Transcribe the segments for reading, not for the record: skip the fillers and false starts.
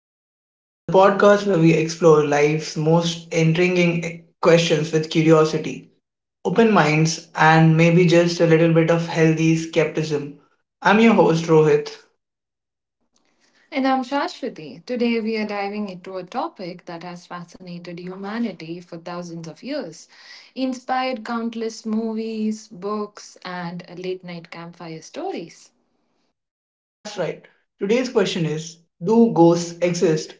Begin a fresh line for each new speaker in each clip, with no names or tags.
Mind, the podcast where we explore life's most intriguing questions with curiosity, open minds, and maybe just a little bit of healthy skepticism. I'm your host, Rohit.
And I'm Shashwati. Today we are diving into a topic that has fascinated humanity for thousands of years, inspired countless movies, books, and late night campfire stories.
That's right. Today's question is, do ghosts exist?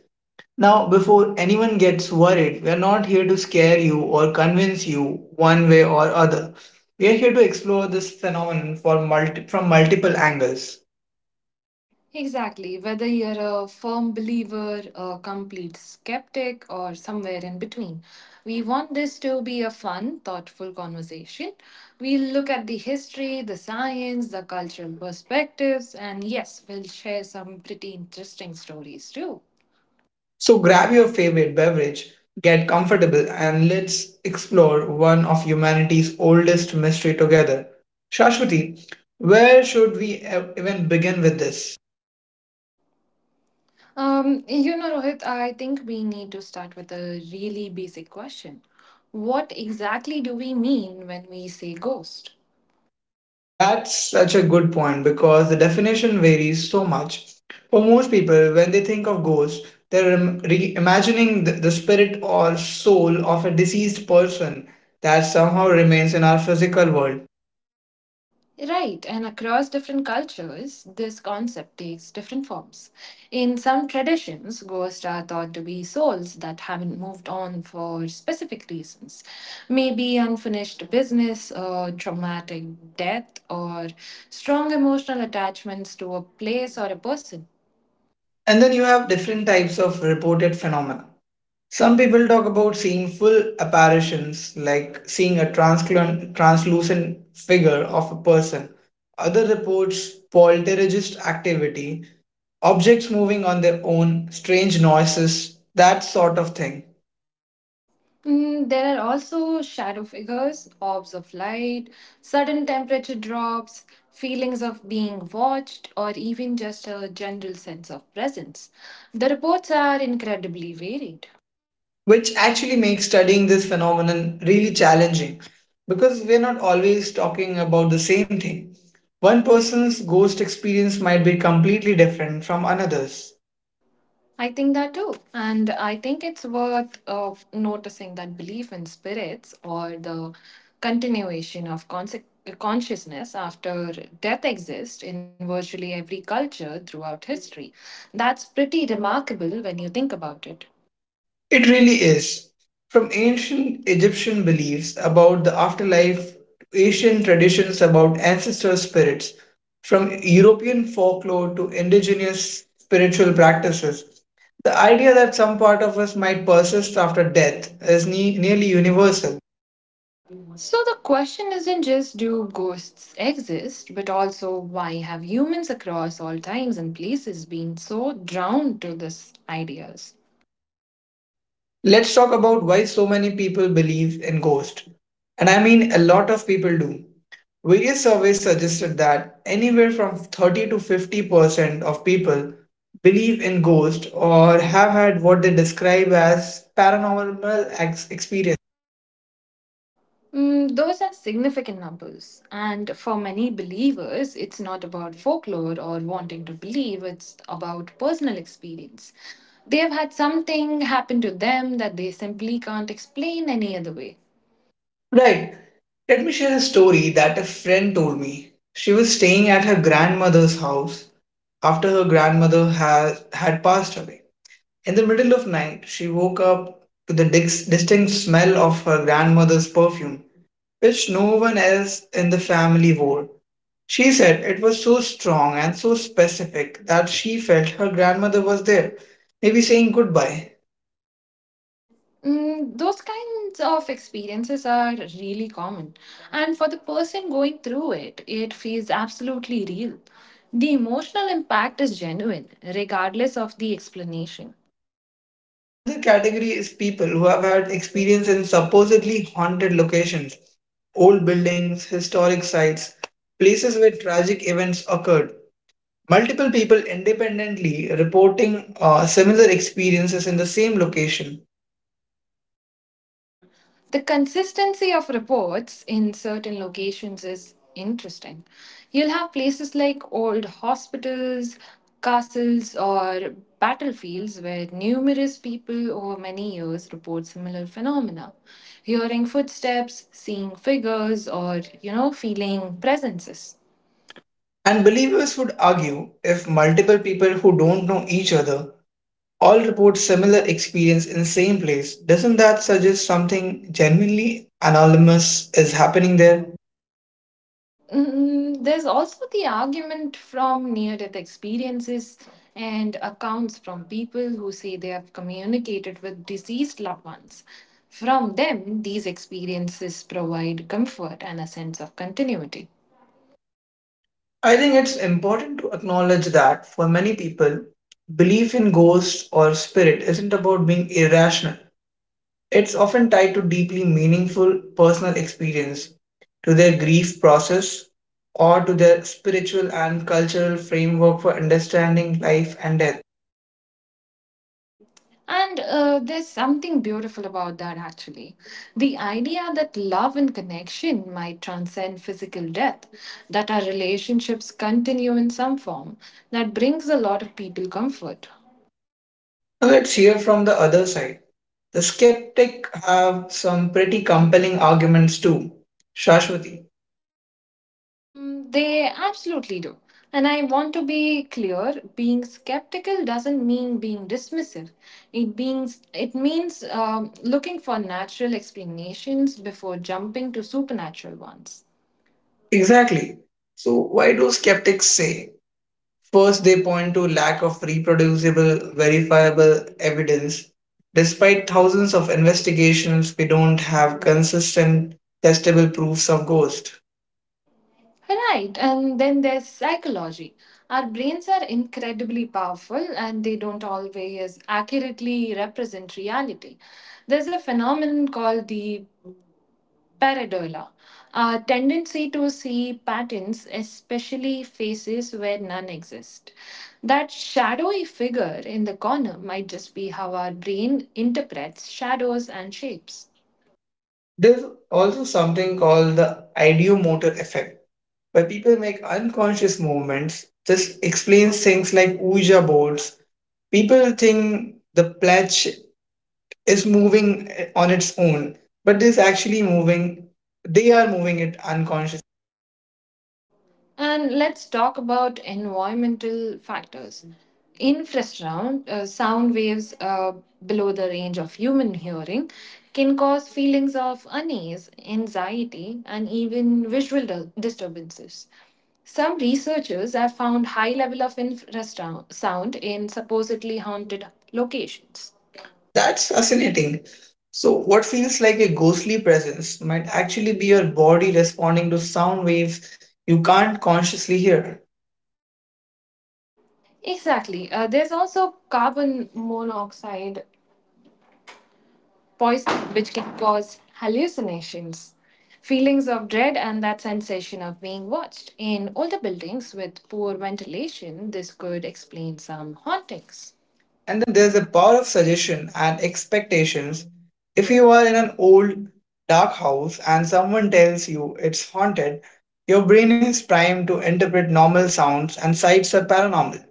Now, before anyone gets worried, we're not here to scare you or convince you one way or other. We are here to explore this phenomenon for from multiple angles.
Exactly, whether you're a firm believer, a complete skeptic, or somewhere in between, we want this to be a fun, thoughtful conversation. We'll look at the history, the science, the cultural perspectives, and yes, we'll share some pretty interesting stories too.
So grab your favorite beverage, get comfortable, and let's explore one of humanity's oldest mystery together. Shashwati, where should we even begin with this?
Rohit, I think we need to start with a really basic question. What exactly do we mean when we say ghost?
That's such a good point because the definition varies so much. For most people, when they think of ghosts, they're imagining the spirit or soul of a deceased person that somehow remains in our physical world.
Right, and across different cultures, this concept takes different forms. In some traditions, ghosts are thought to be souls that haven't moved on for specific reasons, maybe unfinished business, or traumatic death, or strong emotional attachments to a place or a person.
And then you have different types of reported phenomena. Some people talk about seeing full apparitions, like seeing a translucent figure of a person. Other reports poltergeist activity, objects moving on their own, strange noises, that sort of thing,
Mm, there are also shadow figures, orbs of light, sudden temperature drops, feelings of being watched, or even just a general sense of presence. The reports are incredibly varied.
which actually makes studying this phenomenon really challenging because we're not always talking about the same thing. One person's ghost experience might be completely different from another's.
I think that too. And I think it's worth of noticing that belief in spirits or the continuation of conse- consciousness after death exists in virtually every culture throughout history. That's pretty remarkable when you think about it.
It really is. From ancient Egyptian beliefs about the afterlife to Asian traditions about ancestor spirits, from European folklore to indigenous spiritual practices, the idea that some part of us might persist after death is nearly universal.
So the question isn't just do ghosts exist, but also why have humans across all times and places been so drawn to these ideas?
Let's talk about why so many people believe in ghosts. And I mean, a lot of people do. Various surveys suggested that anywhere from 30 to 50% of people believe in ghosts or have had what they describe as paranormal experience.
Mm, those are significant numbers, and for many believers, it's not about folklore or wanting to believe, it's about personal experience. They have had something happen to them that they simply can't explain any other way.
Right. Let me share a story that a friend told me. She was staying at her grandmother's house after her grandmother had passed away. In the middle of night, she woke up to the distinct smell of her grandmother's perfume, which no one else in the family wore. She said it was so strong and so specific that she felt her grandmother was there, maybe saying goodbye.
Mm, those kinds of experiences are really common. And for the person going through it, it feels absolutely real. The emotional impact is genuine, regardless of the explanation.
Another category is people who have had experience in supposedly haunted locations, old buildings, historic sites, places where tragic events occurred. Multiple people independently reporting similar experiences in the same location.
The consistency of reports in certain locations is interesting. You'll have places like old hospitals, castles, or battlefields where numerous people over many years report similar phenomena. Hearing footsteps, seeing figures, or, you know, feeling presences.
And believers would argue, if multiple people who don't know each other all report similar experience in same place, doesn't that suggest something genuinely anonymous is happening there?
Mm, there's also the argument from near death experiences and accounts from people who say they have communicated with deceased loved ones. From them, these experiences provide comfort and a sense of continuity.
I think it's important to acknowledge that for many people, belief in ghosts or spirit isn't about being irrational. It's often tied to deeply meaningful personal experience, to their grief process, or to their spiritual and cultural framework for understanding life and death.
And there's something beautiful about that actually. The idea that love and connection might transcend physical death, that our relationships continue in some form, that brings a lot of people comfort.
Now let's hear from the other side. The skeptic have some pretty compelling arguments too. Shashwati.
Mm, they absolutely do. And I want to be clear, being skeptical doesn't mean being dismissive. It means looking for natural explanations before jumping to supernatural ones.
Exactly. So why do skeptics say? First, they point to lack of reproducible, verifiable evidence. Despite thousands of investigations, we don't have consistent, testable proofs of ghosts.
Right, and then there's psychology. Our brains are incredibly powerful and they don't always accurately represent reality. There's a phenomenon called the Pareidolia, a tendency to see patterns, especially faces where none exist. That shadowy figure in the corner might just be how our brain interprets shadows and shapes.
There's also something called the ideomotor effect, where people make unconscious movements. This explains things like Ouija boards. People think the pledge is moving on its own, but is actually moving, they are moving it unconsciously.
And let's talk about environmental factors. Infrasound, sound waves below the range of human hearing, can cause feelings of unease, anxiety, and even disturbances. Some researchers have found high level of infrasound in supposedly haunted locations.
That's fascinating. So, what feels like a ghostly presence might actually be your body responding to sound waves you can't consciously hear.
Exactly. There's also carbon monoxide poison, which can cause hallucinations, feelings of dread, and that sensation of being watched. In older buildings with poor ventilation, this could explain some hauntings.
And
And
then there's the power of suggestion and expectations. If you are in an old, dark house and someone tells you it's haunted, your brain is primed to interpret normal sounds and sights are paranormal.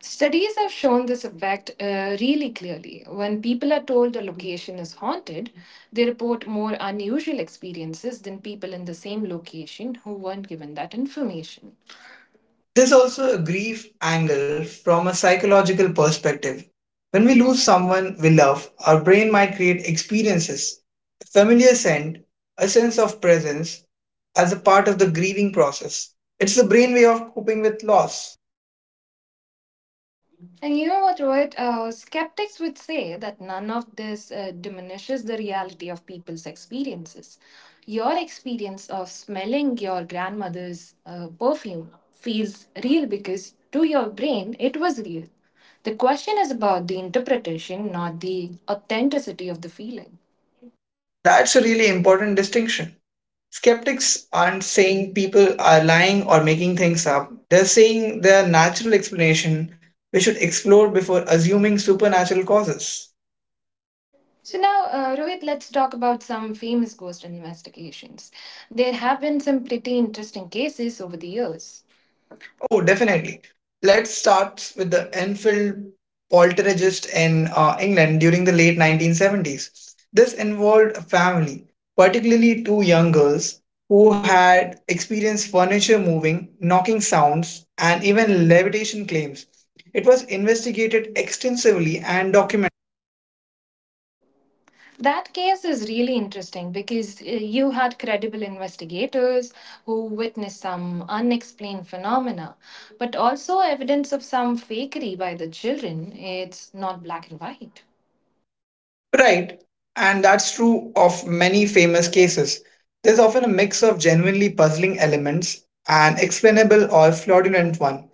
studies have shown this effect really clearly. When people are told a location is haunted, they report more unusual experiences than people in the same location who weren't given that information.
There's also a grief angle from a psychological perspective. When we lose someone we love, our brain might create experiences, a familiar scent, a sense of presence as a part of the grieving process. It's the brain way of coping with loss.
And you know what, Rohit? Skeptics would say that none of this diminishes the reality of people's experiences. Your experience of smelling your grandmother's perfume feels real because to your brain it was real. The question is about the interpretation, not the authenticity of the feeling.
That's a really important distinction. Skeptics aren't saying people are lying or making things up. They're saying they are natural explanation we should explore before assuming supernatural causes.
So now, Rohit, let's talk about some famous ghost investigations. There have been some pretty interesting cases over the years.
Oh, definitely. Let's start with the Enfield poltergeist in England during the late 1970s. This involved a family, particularly two young girls, who had experienced furniture moving, knocking sounds, and even levitation claims. It was investigated extensively and documented.
That case is really interesting because you had credible investigators who witnessed some unexplained phenomena, but also evidence of some fakery by the children. It's not black and white.
Right, and that's true of many famous cases. There's often a mix of genuinely puzzling elements and explainable or fraudulent ones.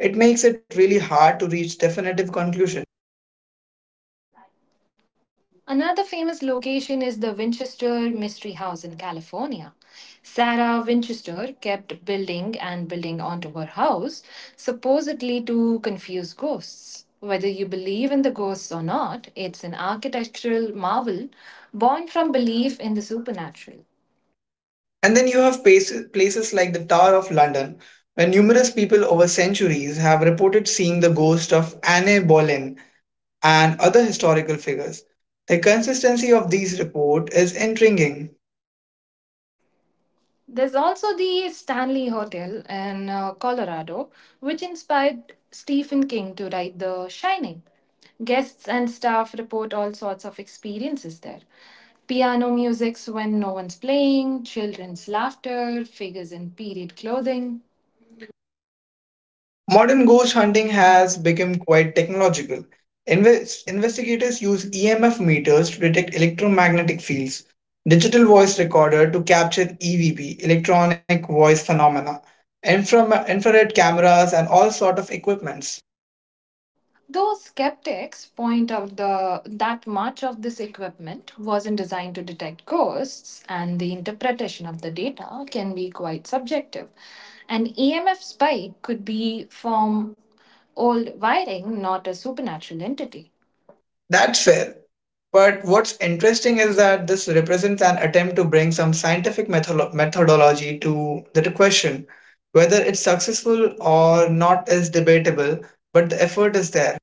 It makes it really hard to reach definitive conclusion.
Another famous location is the Winchester Mystery House in California. Sarah Winchester kept building and building onto her house, supposedly to confuse ghosts. Whether you believe in the ghosts or not, it's an architectural marvel born from belief in the supernatural.
And then you have places like the Tower of London, where numerous people over centuries have reported seeing the ghost of Anne Boleyn and other historical figures. The consistency of these reports is intriguing.
There's also the Stanley Hotel in Colorado, which inspired Stephen King to write The Shining. Guests and staff report all sorts of experiences there. Piano music's when no one's playing, children's laughter, figures in period clothing.
Modern ghost hunting has become quite technological. Investigators use EMF meters to detect electromagnetic fields, digital voice recorder to capture EVP, electronic voice phenomena, infrared cameras, and all sort of equipments.
Though skeptics point out that much of this equipment wasn't designed to detect ghosts, and the interpretation of the data can be quite subjective. An EMF spike could be from old wiring, not a supernatural entity.
That's fair. But what's interesting is that this represents an attempt to bring some scientific methodology to the question. Whether it's successful or not is debatable, but the effort is there.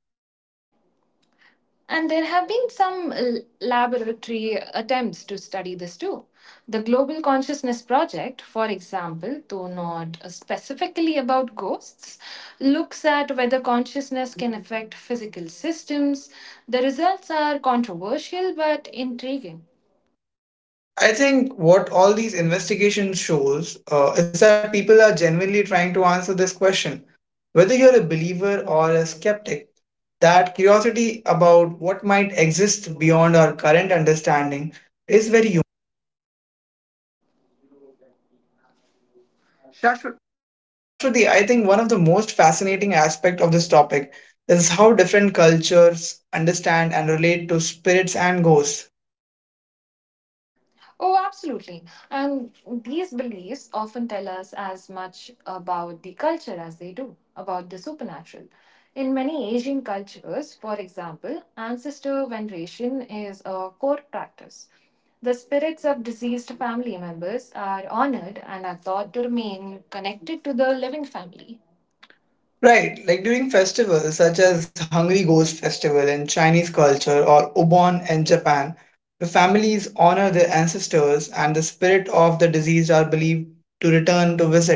And there have been some laboratory attempts to study this too. The Global Consciousness Project, for example, though not specifically about ghosts, looks at whether consciousness can affect physical systems. The results are controversial but intriguing.
I think what all these investigations shows is that people are genuinely trying to answer this question. Whether you're a believer or a skeptic, that curiosity about what might exist beyond our current understanding is very human.
Shashwat,
Shashwati, I think one of the most fascinating aspect of this topic is how different cultures understand and relate to spirits and ghosts.
oh, absolutely. And these beliefs often tell us as much about the culture as they do about the supernatural. In many Asian cultures, for example, ancestor veneration is a core practice. The spirits of deceased family members are honored and are thought to remain connected to the living family.
Right, like during festivals such as Hungry Ghost Festival in Chinese culture or Obon in Japan, the families honor their ancestors and the spirit of the deceased are believed to return to visit.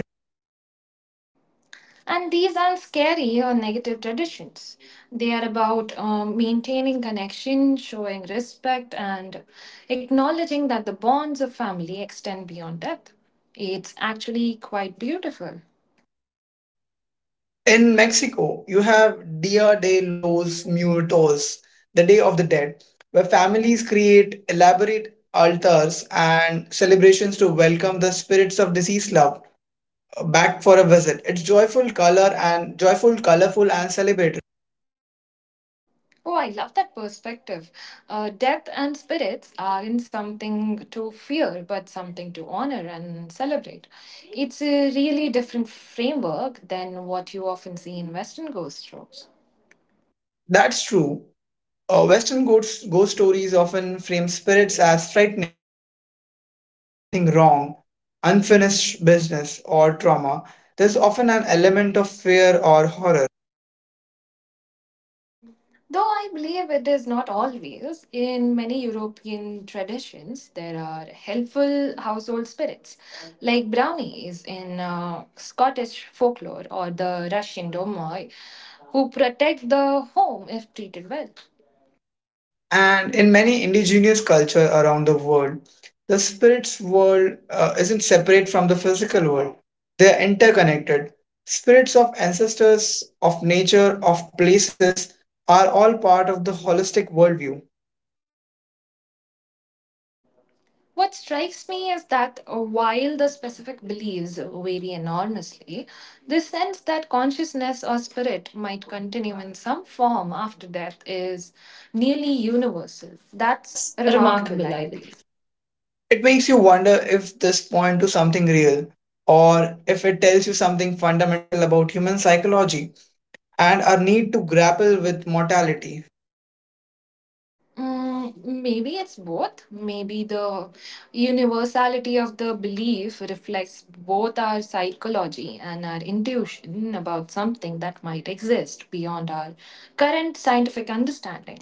And these aren't scary or negative traditions. They are about maintaining connection, showing respect, and acknowledging that the bonds of family extend beyond death. It's actually quite beautiful.
In Mexico, you have Dia de los Muertos, the Day of the Dead, where families create elaborate altars and celebrations to welcome the spirits of deceased loved back for a visit. It's joyful, colorful and celebratory.
Oh, I love that perspective. Death and spirits aren't something to fear, but something to honor and celebrate. It's a really different framework than what you often see in Western ghost shows.
That's true. Western ghost stories often frame spirits as frightening, as evidence of something wrong, unfinished business, or trauma. There's often an element of fear or horror.
Though I believe it is not always, in many European traditions, there are helpful household spirits like brownies in Scottish folklore or the Russian domoi who protect the home if treated well.
And in many indigenous cultures around the world, the spirit's world isn't separate from the physical world. They're interconnected. Spirits of ancestors, of nature, of places are all part of the holistic worldview.
What strikes me is that while the specific beliefs vary enormously, the sense that consciousness or spirit might continue in some form after death is nearly universal. That's
That's
remarkable,
remarkable,
I
I
believe.
believe. It makes you wonder if this point to something real or if it tells you something fundamental about human psychology and our need to grapple with mortality.
Mm, maybe it's both. Maybe the universality of the belief reflects both our psychology and our intuition about something that might exist beyond our current scientific understanding.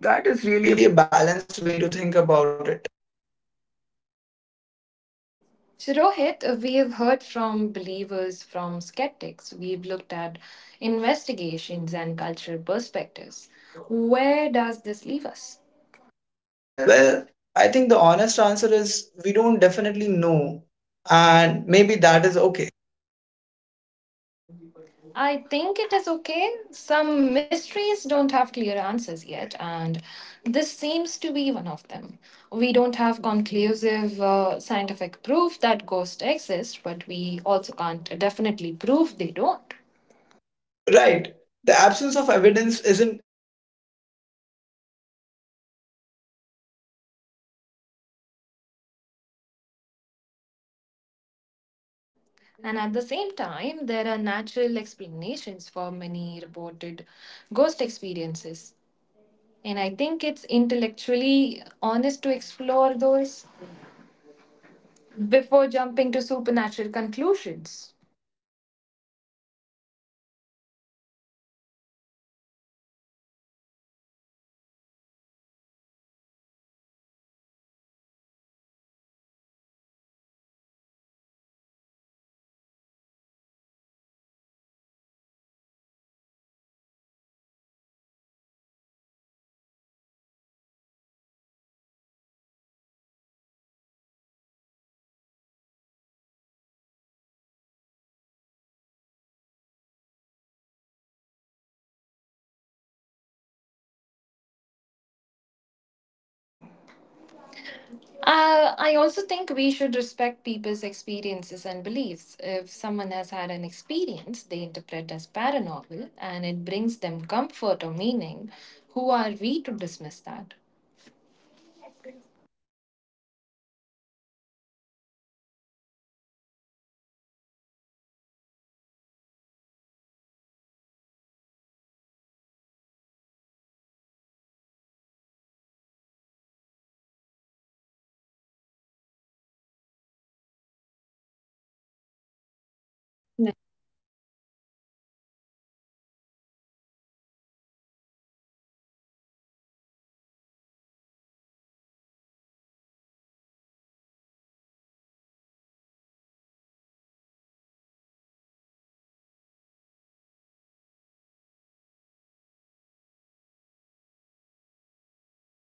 That
That
is
is
really
really a balanced way to think about it.
so, Rohit, we have heard from believers, from skeptics. We've looked at investigations and cultural perspectives. Where does this leave us? Well,
Well, I think the honest answer is we don't definitely know, and maybe that is okay.
I think it is okay. Some mysteries don't have clear answers yet, and this seems to be one of them. We don't have conclusive scientific proof that ghosts exist, but we also can't definitely prove they don't.
Right. The absence of evidence isn't evidence or of absence, as they say. Just because we haven't detected something yet doesn't mean it's not there.
And at the same time, there are natural explanations for many reported ghost experiences. And I think it's intellectually honest to explore those before jumping to supernatural conclusions. I also think we should respect people's experiences and beliefs. If someone has had an experience they interpret as paranormal and it brings them comfort or meaning, who are we to dismiss that?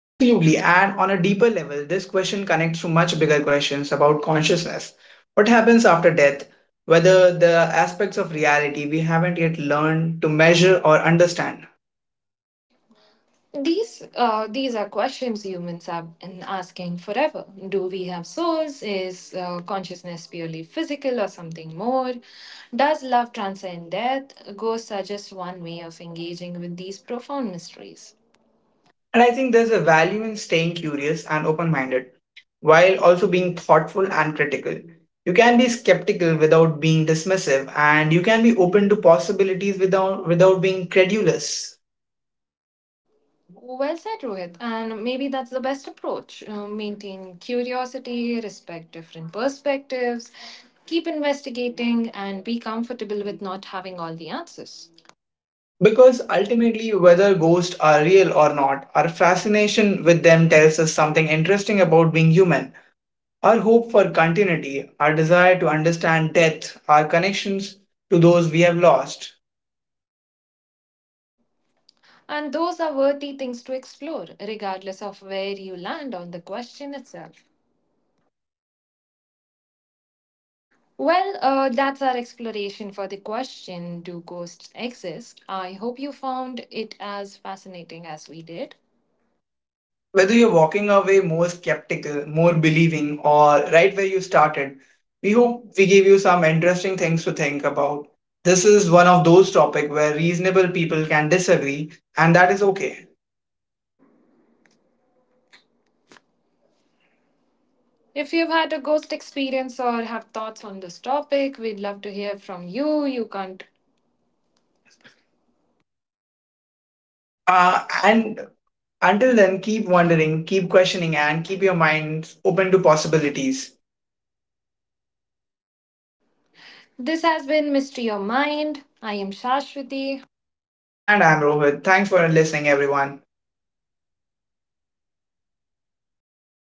Absolutely. And on a deeper level, this question connects to much bigger questions about consciousness. What happens after death? Whether the aspects of reality we haven't yet learned to measure or understand.
These are questions humans have been asking forever. Do we have souls? Is consciousness purely physical or something more? Does love transcend death? Ghosts are just one way of engaging with these profound mysteries.
And I think there's a value in staying curious and open minded while also being thoughtful and critical. You can be skeptical without being dismissive, and you can be open to possibilities without being credulous.
Well said, Rohit. And maybe that's the best approach. Maintain curiosity, respect different perspectives, keep investigating, and be comfortable with not having all the answers.
Because ultimately, whether ghosts are real or not, our fascination with them tells us something interesting about being human. Our hope for continuity, our desire to understand death, our connections to those we have lost.
And those are worthy things to explore, regardless of where you land on the question itself. Well, that's our exploration for the question Do ghosts exist? I hope you found it as fascinating as we did.
Whether you're walking away more skeptical, more believing, or right where you started, we hope we gave you some interesting things to think about. This is one of those topics where reasonable people can disagree, and that is okay.
If you've had a ghost experience or have thoughts on this topic, we'd love to hear from you. You can't.
And until then, keep wondering, keep questioning, and keep your minds open to possibilities.
This has been Mystery Your Mind. I am Shashwati.
And I'm Rohit. Thanks for listening, everyone.